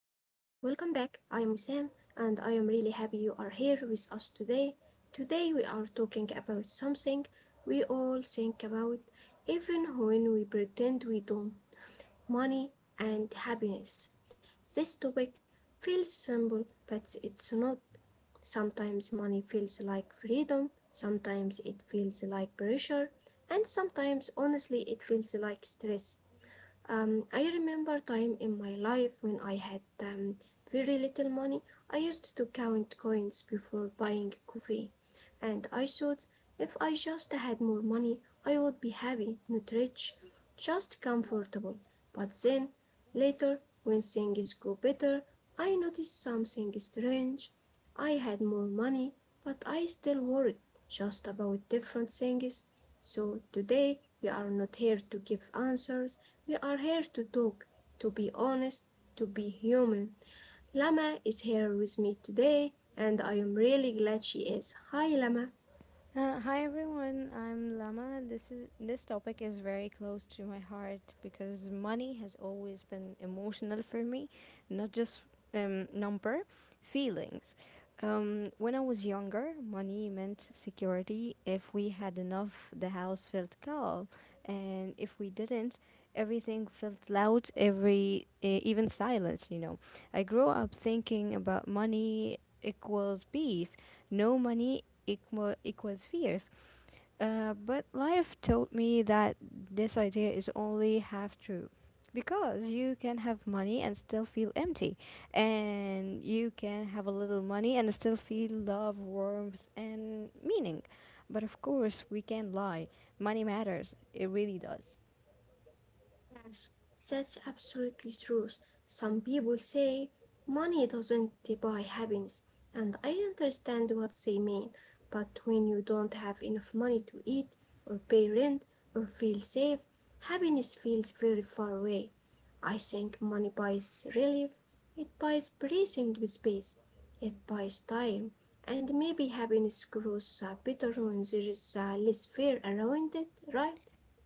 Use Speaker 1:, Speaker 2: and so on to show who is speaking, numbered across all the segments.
Speaker 1: welcome back. I am Wissam and I am really happy you are here with us today. Today we are talking about something we all think about, even when we pretend we don't: money and happiness. This topic feels simple but it's not. Sometimes money feels like freedom, sometimes it feels like pressure, and sometimes honestly it feels like stress. I remember time in my life when I had very little money. I used to count coins before buying coffee, and I thought if I just had more money, I would be happy, not rich, just comfortable. But then, later, when things go better, I noticed something strange. I had more money, but I still worried just about different things. So today, we are not here to give answers. We are here to talk, to be honest, to be human. Lama is here with me today, and I am really glad she is. Hi, Lama.
Speaker 2: Hi everyone, I'm Lama. This topic is very close to my heart because money has always been emotional for me, not just number, feelings. When I was younger, money meant security. If we had enough, the house felt calm, and if we didn't, everything felt loud. Every even silence. I grew up thinking about money equals peace no money equals fears. But life taught me that this idea is only half true. Because you can have money and still feel empty, and you can have a little money and still feel love, warmth, and meaning. But of course, we can not lie. Money matters, it really does.
Speaker 1: Yes, that's absolutely true. Some people say money doesn't buy happiness, and I understand what they mean. But when you don't have enough money to eat, or pay rent, or feel safe, happiness feels very far away. I think money buys relief, it buys breathing space, it buys time, and maybe happiness grows better when there is less fear around it, right?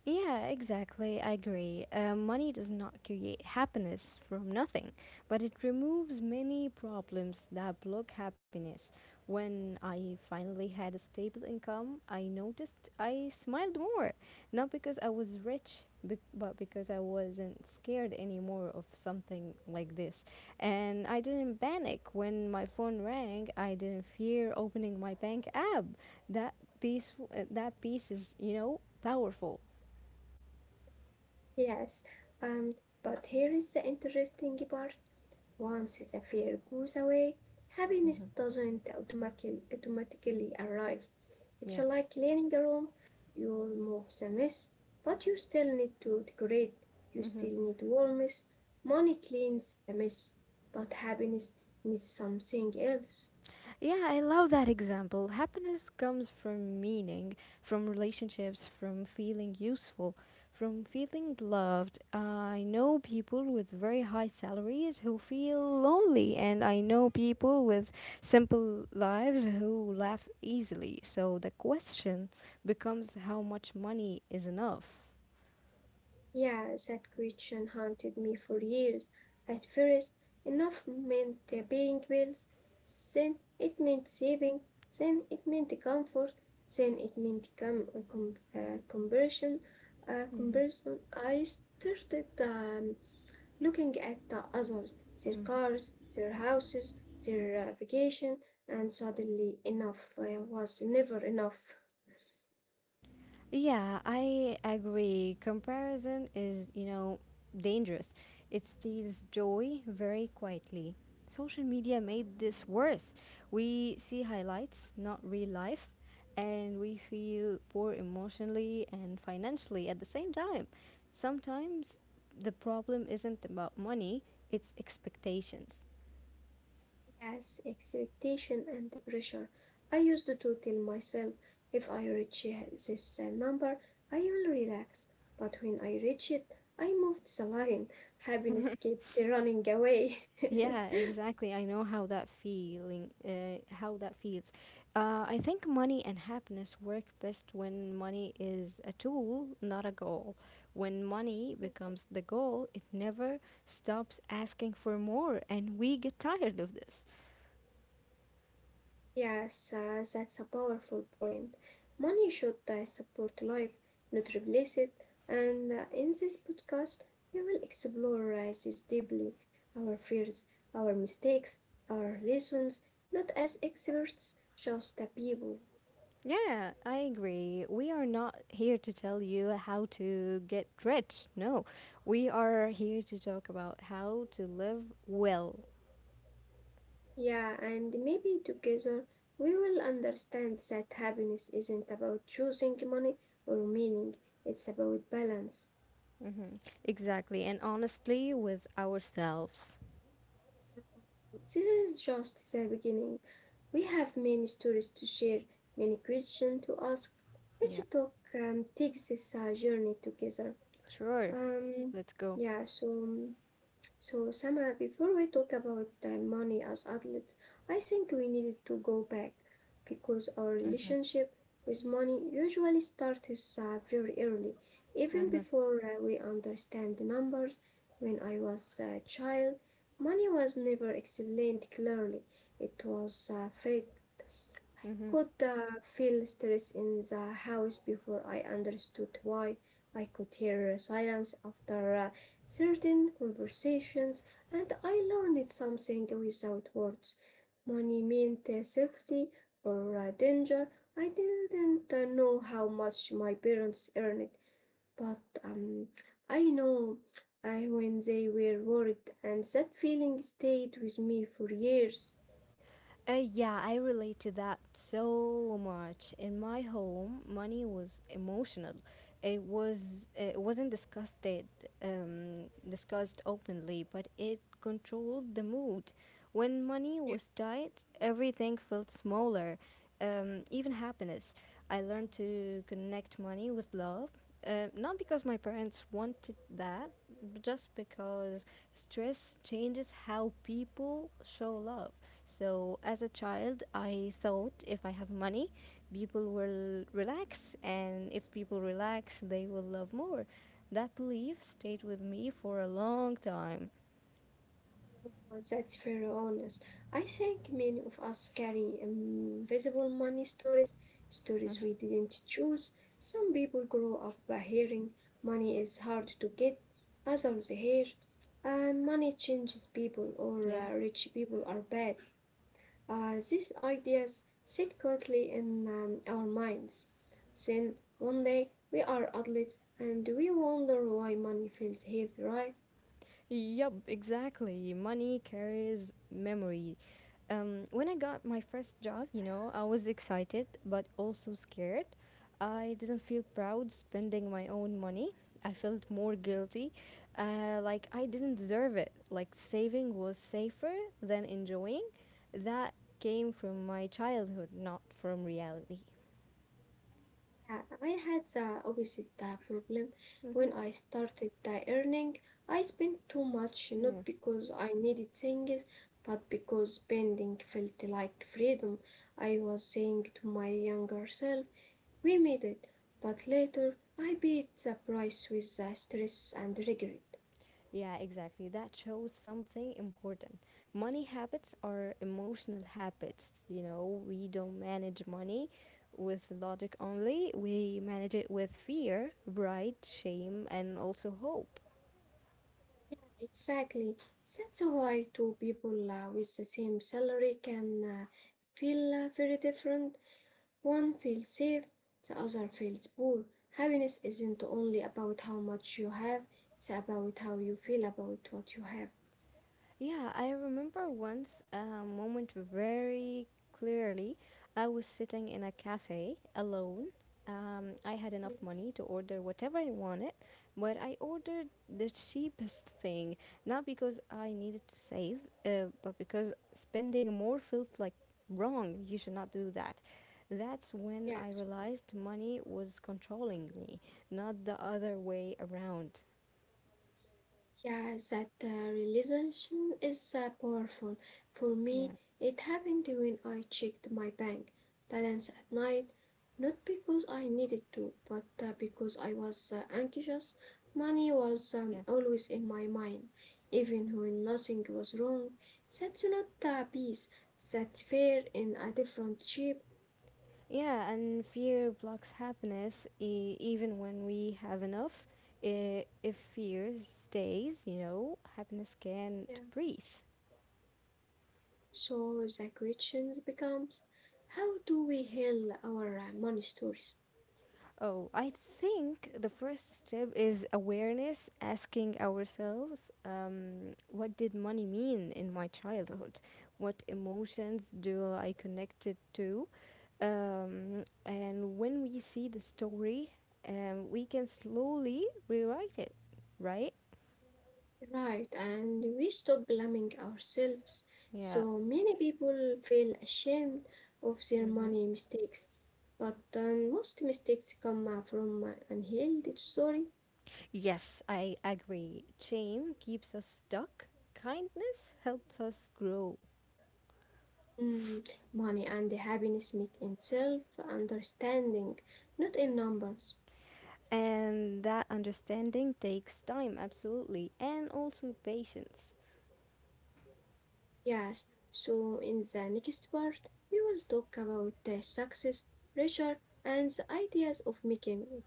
Speaker 2: Yeah, exactly. I agree. Money does not create happiness from nothing, but it removes many problems that block happiness. When I finally had a stable income, I noticed I smiled more. Not because I was rich, but because I wasn't scared anymore of something like this. And I didn't panic when my phone rang. I didn't fear opening my bank app. That peaceful, that piece is powerful.
Speaker 1: Yes, um, but here is the interesting part. Once the fear goes away, happiness doesn't automatically arrive. It's
Speaker 2: Yeah.
Speaker 1: like cleaning a room. You remove the mess, but you still need to decorate. You
Speaker 2: Hmm.
Speaker 1: still need warmth. Money cleans the mess, but happiness needs something else.
Speaker 2: Yeah, I love that example. Happiness comes from meaning, from relationships, from feeling useful, from feeling loved. I know people with very high salaries who feel lonely, and I know people with simple lives who laugh easily. So the question becomes how much money is enough?
Speaker 1: Yeah, that question haunted me for years. At first, enough meant paying bills, then it meant saving, then it meant comfort, then it meant conversion.
Speaker 2: Mm-hmm.
Speaker 1: Conversion. I started looking at the others, their cars, their houses, their vacation, and suddenly enough was never enough.
Speaker 2: Yeah, I agree. Comparison is dangerous. It steals joy very quietly. Social media made this worse. We see highlights, not real life, and we feel poor emotionally and financially at the same time. Sometimes the problem isn't about money, it's expectations.
Speaker 1: Yes, expectation and the pressure. I used to tell myself if I reach this number, I will relax. But when I reached it, I moved the line. Happiness kept running away.
Speaker 2: Yeah, exactly. I know how that feeling, how that feels. I think money and happiness work best when money is a tool, not a goal. When money becomes the goal, it never stops asking for more, and we get tired of this.
Speaker 1: Yes, that's a powerful point. Money should support life, not replace it. And in this podcast, we will explore this deeply: our fears, our mistakes, our lessons, not as experts, just the people.
Speaker 2: Yeah, I agree. We are not here to tell you how to get rich. No, we are here to talk about how to live well.
Speaker 1: Yeah, and maybe together we will understand that happiness isn't about choosing money or meaning, it's about balance.
Speaker 2: Mm-hmm. Exactly. And honestly, with ourselves.
Speaker 1: This is just the beginning. We have many stories to share, many questions to ask. Let's
Speaker 2: Yeah.
Speaker 1: talk, take this journey together.
Speaker 2: Sure.
Speaker 1: Um,
Speaker 2: Let's go.
Speaker 1: yeah, so Sama, before we talk about money as adults, I think we needed to go back because our relationship with money usually starts very early, even
Speaker 2: Mm-hmm.
Speaker 1: before we understand the numbers. When I was a child, money was never explained clearly. It was felt I
Speaker 2: Mm-hmm.
Speaker 1: could feel stress in the house before I understood why. I could hear silence after certain conversations, and I learned something without words. Money meant safety or danger. I didn't know how much my parents earned, but I know when they were worried, and that feeling stayed with me for years.
Speaker 2: Yeah, I relate to that so much. In my home, money was emotional. It wasn't discussed openly, but it controlled the mood. When money was tight, everything felt smaller, even happiness. I learned to connect money with love, not because my parents wanted that, but just because stress changes how people show love. So, as a child, I thought if I have money, people will relax, and if people relax, they will love more. That belief stayed with me for a long time.
Speaker 1: Oh, that's very honest. I think many of us carry invisible money stories, stories we
Speaker 2: Mhm.
Speaker 1: didn't choose. Some people grow up by hearing money is hard to get, others hear money changes people or
Speaker 2: Yeah.
Speaker 1: rich people are bad. These ideas sit quietly in our minds. Then one day we are adults and we wonder why money feels heavy, right?
Speaker 2: Yup, exactly. Money carries memory. When I got my first job, I was excited but also scared. I didn't feel proud spending my own money. I felt more guilty, like I didn't deserve it. Like saving was safer than enjoying. That came from my childhood, not from reality.
Speaker 1: Yeah, I had the opposite problem
Speaker 2: Hmm.
Speaker 1: when I started earning. I spent too much,
Speaker 2: Yeah.
Speaker 1: not because I needed things, but because spending felt like freedom. I was saying to my younger self, we made it, but later I paid the price with stress and regret.
Speaker 2: Yeah, exactly. That shows something important. Money habits are emotional habits. You know, we don't manage money with logic only, we manage it with fear, pride, shame, and also hope.
Speaker 1: Exactly. That's why two people with the same salary can feel very different. One feels safe, the other feels poor. Happiness isn't only about how much you have, it's about how you feel about what you have.
Speaker 2: Yeah, I remember once a moment very clearly. I was sitting in a cafe alone. I had enough
Speaker 1: Yes.
Speaker 2: money to order whatever I wanted, but I ordered the cheapest thing, not because I needed to save, but because spending more felt like wrong. You should not do that. That's when I
Speaker 1: Yes.
Speaker 2: realized money was controlling me, not the other way around.
Speaker 1: Yeah, that realization is powerful. For
Speaker 2: Yeah,
Speaker 1: me, it happened when I checked my bank balance at night, not because I needed to, but because I was anxious. Money was
Speaker 2: yeah.
Speaker 1: always in my mind, even when nothing was wrong. That's not a peace, that's fair in a different shape.
Speaker 2: Yeah, and fear blocks happiness even when we have enough. If fear stays, happiness can't
Speaker 1: Yeah.
Speaker 2: breathe.
Speaker 1: So the question becomes, how do we heal our money stories?
Speaker 2: Oh, I think the first step is awareness, asking ourselves, what did money mean in my childhood? What emotions do I connect it to? And when we see the story, we can slowly rewrite it, right?
Speaker 1: Right, and we stop blaming ourselves.
Speaker 2: Yeah.
Speaker 1: So many people feel ashamed of their
Speaker 2: Mm-hmm.
Speaker 1: money mistakes, but most mistakes come from unhealed story.
Speaker 2: Yes, I agree. Shame keeps us stuck, kindness helps us grow.
Speaker 1: Mm, Money and happiness meet in self-understanding, not in numbers.
Speaker 2: And that understanding takes time, absolutely, and also patience.
Speaker 1: Yes, so in the next part, we will talk about the success, pressure, and the ideas of making it,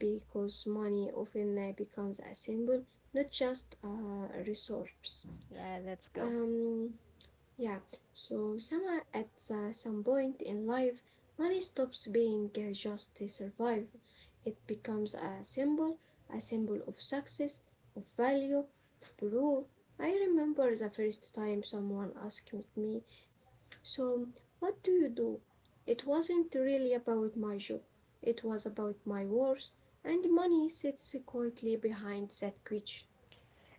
Speaker 1: because money often becomes a symbol, not just a resource.
Speaker 2: Yeah, let's go.
Speaker 1: Um, yeah, so at some point in life, money stops being just to survive. It becomes a symbol of success, of value, of proof. I remember the first time someone asked me, "So, what do you do?" It wasn't really about my job. It was about my wars, and money sits quietly behind that question.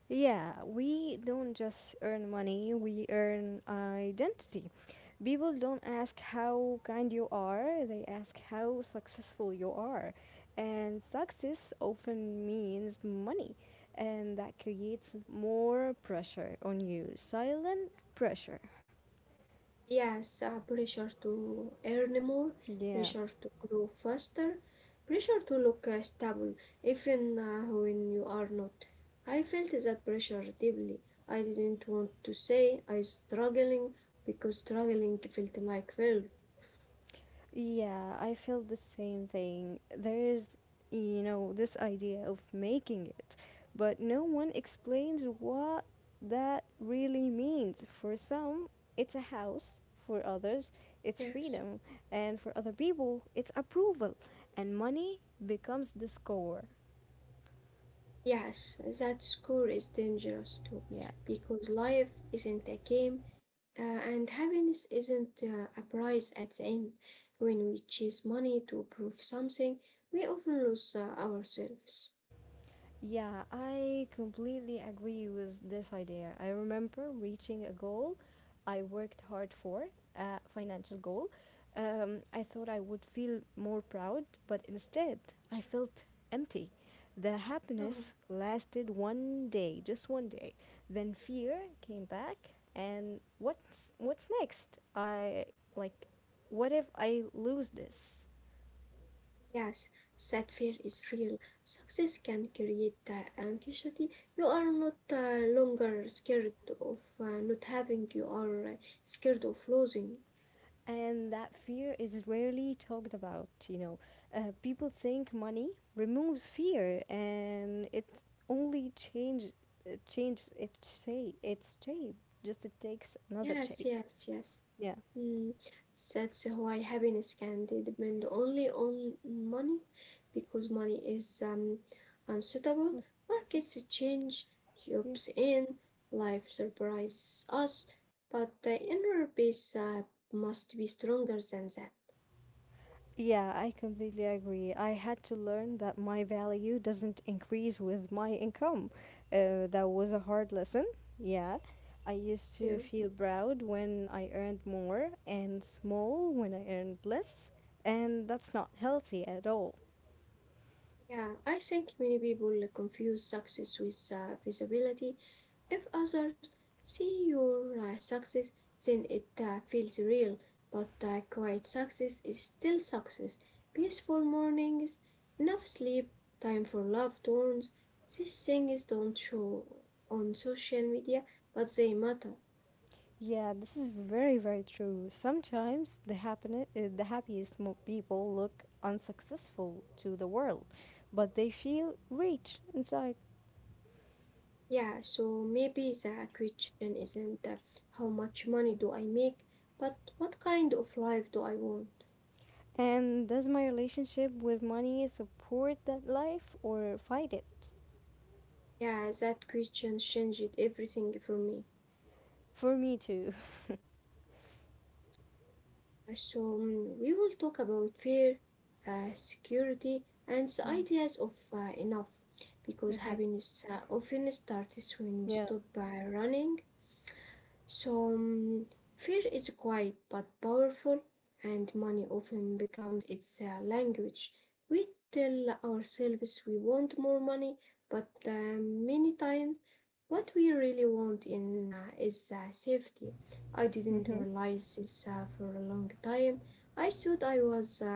Speaker 2: Yeah, we don't just earn money, we earn identity. People don't ask how kind you are, they ask how successful you are. And success often means money, and that creates more pressure on you, silent pressure.
Speaker 1: Yes, pressure to earn more,
Speaker 2: Yeah.
Speaker 1: pressure to grow faster, pressure to look stable, even when you are not. I felt that pressure deeply. I didn't want to say I was struggling because struggling felt like failure.
Speaker 2: Yeah, I feel the same thing. There is this idea of making it, but no one explains what that really means. For some, it's a house, for others, it's
Speaker 1: Yes.
Speaker 2: freedom, and for other people, it's approval, and money becomes the score.
Speaker 1: Yes, that score is dangerous too,
Speaker 2: Yeah.
Speaker 1: because life isn't a game, and happiness isn't a prize at the end. When we chase money to prove something, we often lose ourselves.
Speaker 2: Yeah, I completely agree with this idea. I remember reaching a goal I worked hard for, a financial goal. I thought I would feel more proud, but instead I felt empty. The happiness
Speaker 1: Oh,
Speaker 2: lasted one day, just one day. Then fear came back, and what's next? I like, what if I lose this?
Speaker 1: yes, that fear is real. Success can create anxiety. You are not longer scared of not having, you are scared of losing.
Speaker 2: And that fear is rarely talked about, people think money removes fear and it only changes its shape, just it takes another
Speaker 1: Yes,
Speaker 2: shape.
Speaker 1: yes, yes.
Speaker 2: Yeah.
Speaker 1: مم. That's why happiness can depend only on money because money is unsuitable. Markets change,
Speaker 2: Yeah.
Speaker 1: jobs end, life surprises us, but the inner peace must be stronger than that.
Speaker 2: Yeah, I completely agree. I had to learn that my value doesn't increase with my income. That was a hard lesson. Yeah. I used to
Speaker 1: Yeah,
Speaker 2: feel proud when I earned more and small when I earned less, and that's not healthy at all.
Speaker 1: yeah, I think many people confuse success with visibility. If others see your success, then it feels real, but quiet success is still success. Peaceful mornings, enough sleep, time for love tones. These things don't show on social media, but they matter.
Speaker 2: Yeah, this is very, very true. Sometimes the happiness, people look unsuccessful to the world, but they feel rich inside.
Speaker 1: Yeah, so maybe the question isn't how much money do I make, but what kind of life do I want?
Speaker 2: And does my relationship with money support that life or fight it?
Speaker 1: Yeah, that question changed everything for me.
Speaker 2: For me too.
Speaker 1: So, we will talk about fear, security, and the
Speaker 2: Yeah.
Speaker 1: ideas of enough, because
Speaker 2: Hmm.
Speaker 1: happiness often starts when we
Speaker 2: Yeah.
Speaker 1: stop by running. So, mm, fear is quiet but powerful, and money often becomes its language. We tell ourselves we want more money, but many times what we really want in is safety. I didn't
Speaker 2: Hmm.
Speaker 1: realize this for a long time. I thought I was um,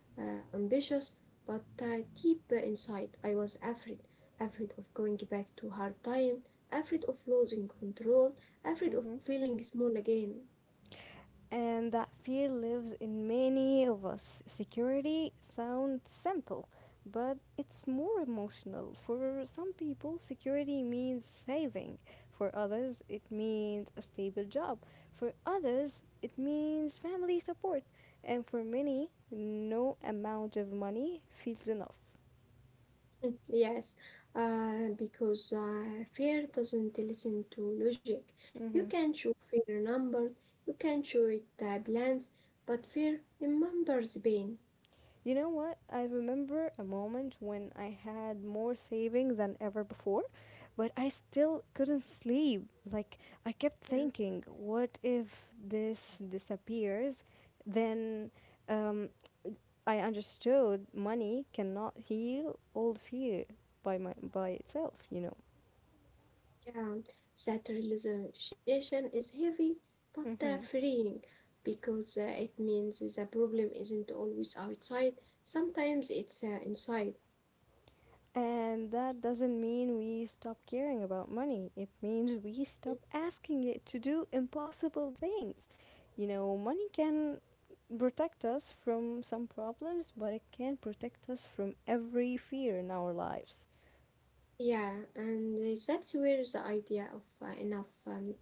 Speaker 1: uh, ambitious, but deep inside I was afraid, afraid of going back to hard time, afraid of losing control, I'm afraid of
Speaker 2: Hmm.
Speaker 1: feeling small again.
Speaker 2: And that fear lives in many of us. Security sounds simple, but it's more emotional. For some people, security means saving. For others, it means a stable job. For others, it means family support. And for many, no amount of money feels enough.
Speaker 1: Mm, yes, because fear doesn't listen to logic. You
Speaker 2: Mhm.
Speaker 1: can show fear numbers, you can show it plans, but fear remembers pain.
Speaker 2: You know what? I remember a moment when I had more savings than ever before, but I still couldn't sleep. Like, I kept
Speaker 1: Yeah,
Speaker 2: thinking, what if this disappears? Then um, I understood money cannot heal all fear by itself, you
Speaker 1: yeah. That realization is heavy
Speaker 2: know.
Speaker 1: but freeing because it means the problem isn't always outside, sometimes it's inside.
Speaker 2: And that doesn't mean we stop caring about money. It means we stop asking it to do impossible things. You know, money can protect us from some problems, but it can protect us from every fear in our lives.
Speaker 1: Yeah, and that's where the idea of enough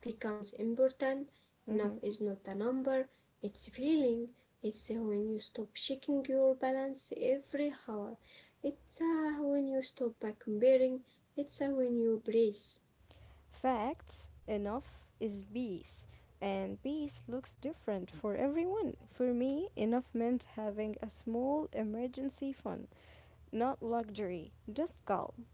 Speaker 1: becomes important. Enough
Speaker 2: Mhm.
Speaker 1: is not a number, it's a feeling. It's when you stop checking your balance every hour. It's when you stop comparing. It's when you breathe.
Speaker 2: Facts enough is peace, and peace looks different for everyone. For me, enough meant having a small emergency fund, not luxury, just calm.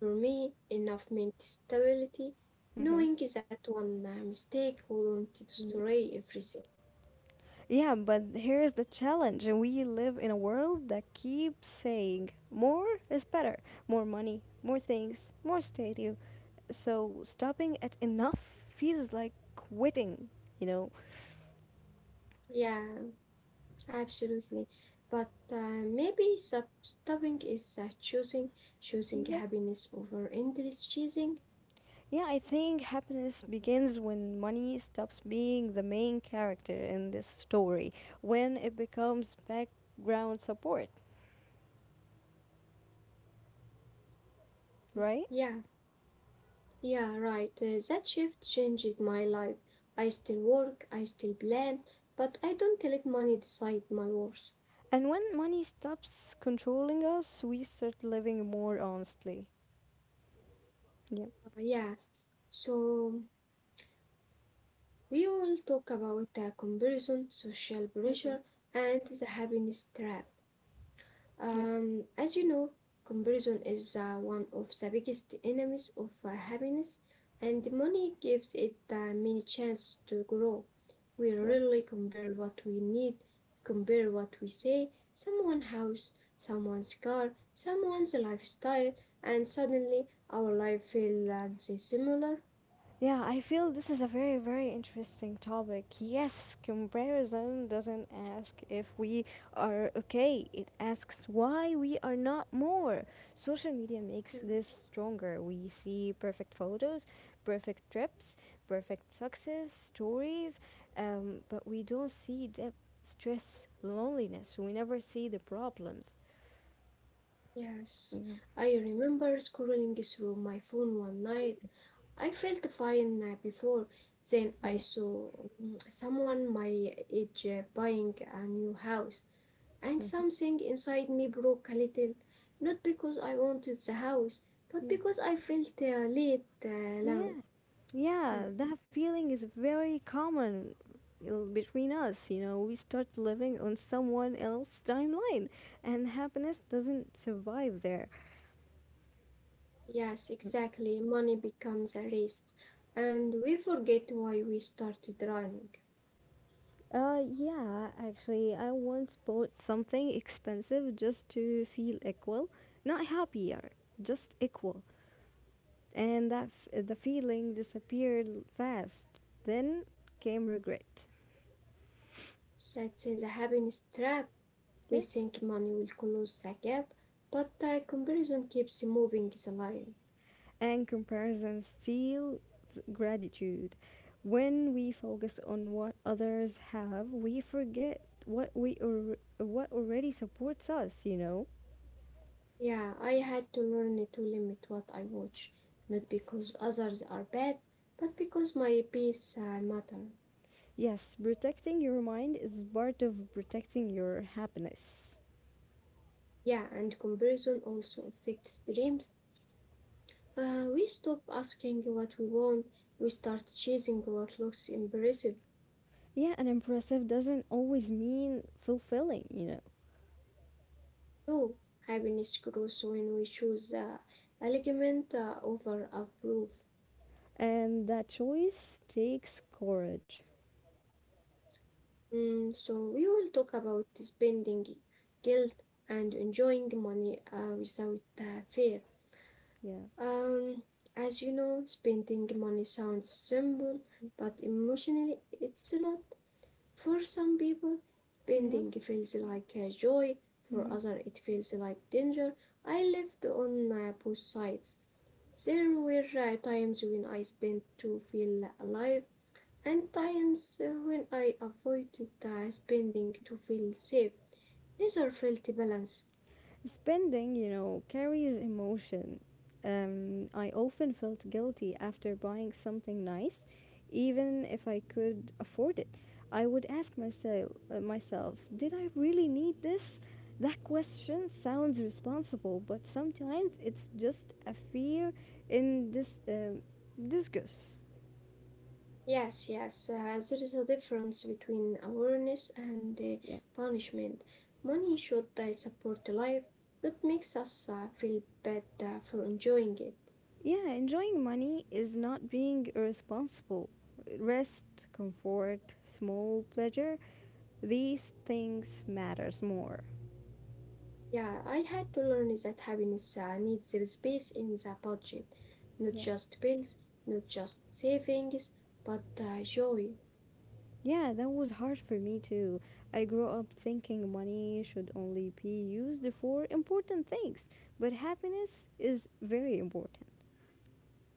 Speaker 1: For me, enough meant stability,
Speaker 2: Mhm.
Speaker 1: knowing that one mistake wouldn't destroy everything.
Speaker 2: Yeah, but here's the challenge. And We live in a world that keeps saying more is better, more money, more things, more statue. So stopping at enough feels like quitting, you know?
Speaker 1: Yeah, absolutely. But maybe stopping is choosing, choosing
Speaker 2: Yeah.
Speaker 1: happiness over endless chasing.
Speaker 2: Yeah, I think happiness begins when money stops being the main character in this story, when it becomes background support, right?
Speaker 1: Yeah, yeah, right. That shift changed my life. I still work, I still plan, but I don't let money decide my worth.
Speaker 2: And when money stops controlling us, we start living more honestly. Yeah.
Speaker 1: Yes. So we will talk about comparison, social
Speaker 2: Mhm.
Speaker 1: pressure, and the happiness trap.
Speaker 2: Yeah.
Speaker 1: As you know, comparison is one of the biggest enemies of happiness, and money gives it many chances to grow. We
Speaker 2: Yeah.
Speaker 1: rarely compare what we need, compare what we say, someone's house, someone's car, someone's lifestyle, and suddenly our life feels similar.
Speaker 2: Yeah, I feel this is a very, very interesting topic. Yes, comparison doesn't ask if we are okay, it asks why we are not more. Social media makes this stronger. We see perfect photos, perfect trips, perfect success stories, but we don't see depth, stress, loneliness. We never see the problems.
Speaker 1: Yes,
Speaker 2: Yeah.
Speaker 1: I remember scrolling through my phone one night. I felt fine before. Then I
Speaker 2: Yeah.
Speaker 1: saw someone my age buying a new house, and something
Speaker 2: Hmm.
Speaker 1: inside me broke a little. Not because I wanted the house, but because I felt late alone.
Speaker 2: Yeah,
Speaker 1: Um,
Speaker 2: yeah, that feeling is very common between us. You know, we start living on someone else's timeline, and happiness doesn't survive there.
Speaker 1: Yes, exactly. Money becomes a race, and we forget why we started running.
Speaker 2: Yeah, actually, I once bought something expensive just to feel equal, not happier, just equal, and the feeling disappeared fast. Then came regret.
Speaker 1: That's a happiness trap. We think money will close the gap, but the comparison keeps moving the line.
Speaker 2: And comparison steals gratitude. When we focus on what others have, we forget what we or what already supports us, you know?
Speaker 1: Yeah, I had to learn to limit what I watch, not because others are bad, but because my peace matter.
Speaker 2: Yes, protecting your mind is part of protecting your happiness.
Speaker 1: Yeah, and comparison also affects dreams. We stop asking what we want, we start chasing what looks impressive.
Speaker 2: Yeah, and impressive doesn't always mean fulfilling, you know.
Speaker 1: No, happiness grows when we choose alignment over approve.
Speaker 2: And that choice takes courage.
Speaker 1: So we will talk about spending guilt and enjoying money without fear.
Speaker 2: Yeah.
Speaker 1: Um, as you know, spending money sounds simple, but emotionally it's not. For some people,
Speaker 2: Yeah.
Speaker 1: spending feels like a joy. For
Speaker 2: Hmm.
Speaker 1: others, it feels like danger. I lived on both sides. There were times when I spent to feel alive and times when I avoided spending to feel safe. Neither felt balanced.
Speaker 2: Spending, you know, carries emotion. I often felt guilty after buying something nice, even if I could afford it. I would ask myself, did I really need this? That question sounds responsible, but sometimes it's just a fear in this disgust.
Speaker 1: Yes, yes, there is a difference between awareness and
Speaker 2: Yeah,
Speaker 1: punishment. Money should support the life that makes us feel bad for enjoying it.
Speaker 2: yeah. Enjoying money is not being irresponsible. Rest, comfort, small pleasure these things matters more.
Speaker 1: Yeah, I had to learn that happiness needs a space in the budget, not
Speaker 2: Yeah.
Speaker 1: just bills, not just savings, but joy.
Speaker 2: Yeah, that was hard for me too. I grew up thinking money should only be used for important things, but happiness is very important.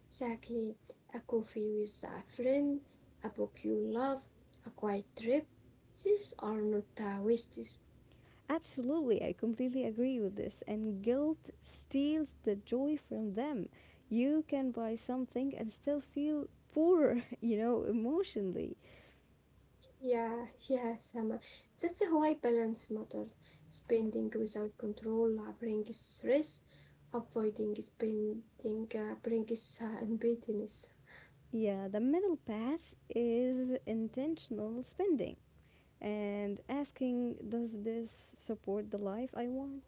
Speaker 1: Exactly. A coffee with a friend, a book you love, a quiet trip. These are not wastes.
Speaker 2: Absolutely, I completely agree with this, and guilt steals the joy from them. You can buy something and still feel poor you know emotionally.
Speaker 1: Yeah, yeah, Sama. That's why balance matters. Spending without control brings stress. Avoiding spending brings emptiness.
Speaker 2: Yeah, the middle path is intentional spending and asking, does this support the life I want?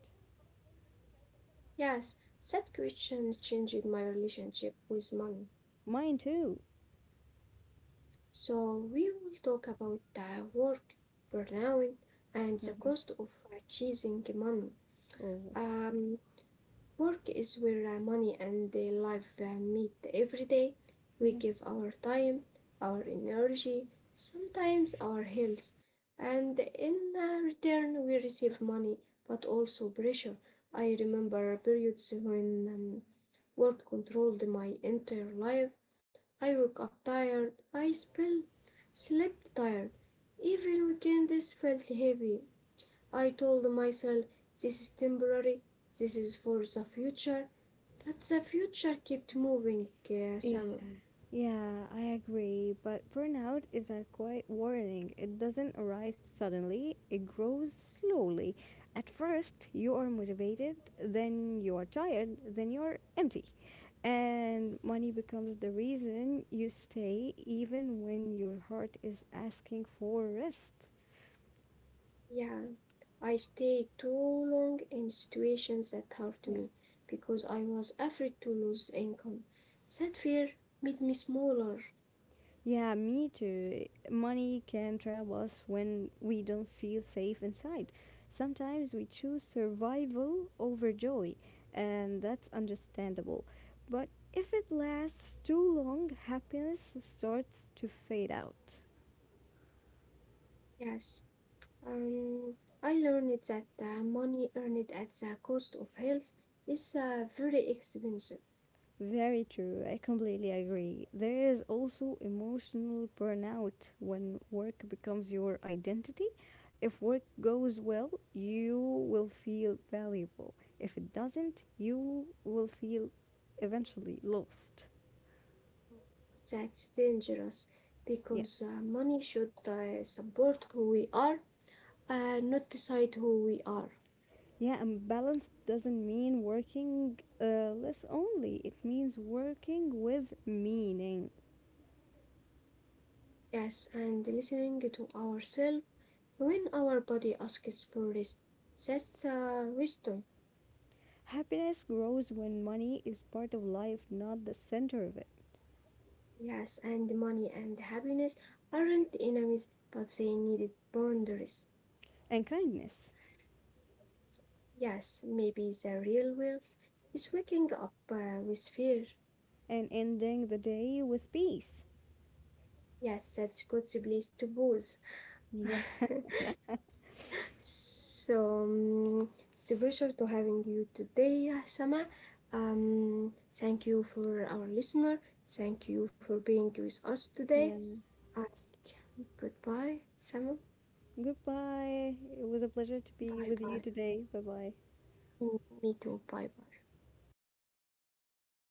Speaker 1: Yes, that question changed my relationship with money.
Speaker 2: Mine too.
Speaker 1: So we will talk about work, burnout, and the
Speaker 2: Mhm.
Speaker 1: cost of chasing money.
Speaker 2: Oh.
Speaker 1: Um, Work is where money and life meet every day. We give our time, our energy, sometimes our health, and in return we receive money, but also pressure. I remember periods when work controlled my entire life. I woke up tired. I slept tired. Even weekends felt heavy. I told myself, this is temporary, this is for the future, but the future kept moving,
Speaker 2: Yeah,
Speaker 1: Sam.
Speaker 2: yeah, I agree. But burnout is a quiet warning. It doesn't arrive suddenly, it grows slowly. At first, you are motivated, then you are tired, then you're empty. And money becomes the reason you stay, even when your heart is asking for rest.
Speaker 1: Yeah, I stayed too long in situations that hurt
Speaker 2: Yeah.
Speaker 1: me because I was afraid to lose income. That fear made me smaller.
Speaker 2: Yeah, me too. Money can trap us when we don't feel safe inside. Sometimes we choose survival over joy, and that's understandable. But if it lasts too long, happiness starts to fade out.
Speaker 1: Yes, um, I learned that money earned at the cost of health is very expensive.
Speaker 2: Very true. I completely agree. There is also emotional burnout when work becomes your identity. If work goes well, you will feel valuable. If it doesn't, you will feel eventually lost.
Speaker 1: That's dangerous
Speaker 2: Yeah.
Speaker 1: because money should support who we are, not decide who we are.
Speaker 2: Yeah, and balance doesn't mean working less only. It means working with meaning.
Speaker 1: Yes, and listening to ourselves when our body asks for rest. That's wisdom.
Speaker 2: Happiness grows when money is part of life, not the center of it.
Speaker 1: Yes, and money and happiness aren't enemies, but they needed boundaries.
Speaker 2: And kindness.
Speaker 1: Yes, maybe the real wealth is waking up with fear.
Speaker 2: And ending the day with peace.
Speaker 1: Yes, that's God's place to pause.
Speaker 2: Yeah.
Speaker 1: So, it's a pleasure to having you today, Sama. Thank you for our listener. Thank you for being with us today.
Speaker 2: Yeah.
Speaker 1: Uh, Goodbye, Sama.
Speaker 2: Goodbye. It was a pleasure to be
Speaker 1: Bye
Speaker 2: with
Speaker 1: bye.
Speaker 2: you today. Bye bye.
Speaker 1: Me too. Bye bye.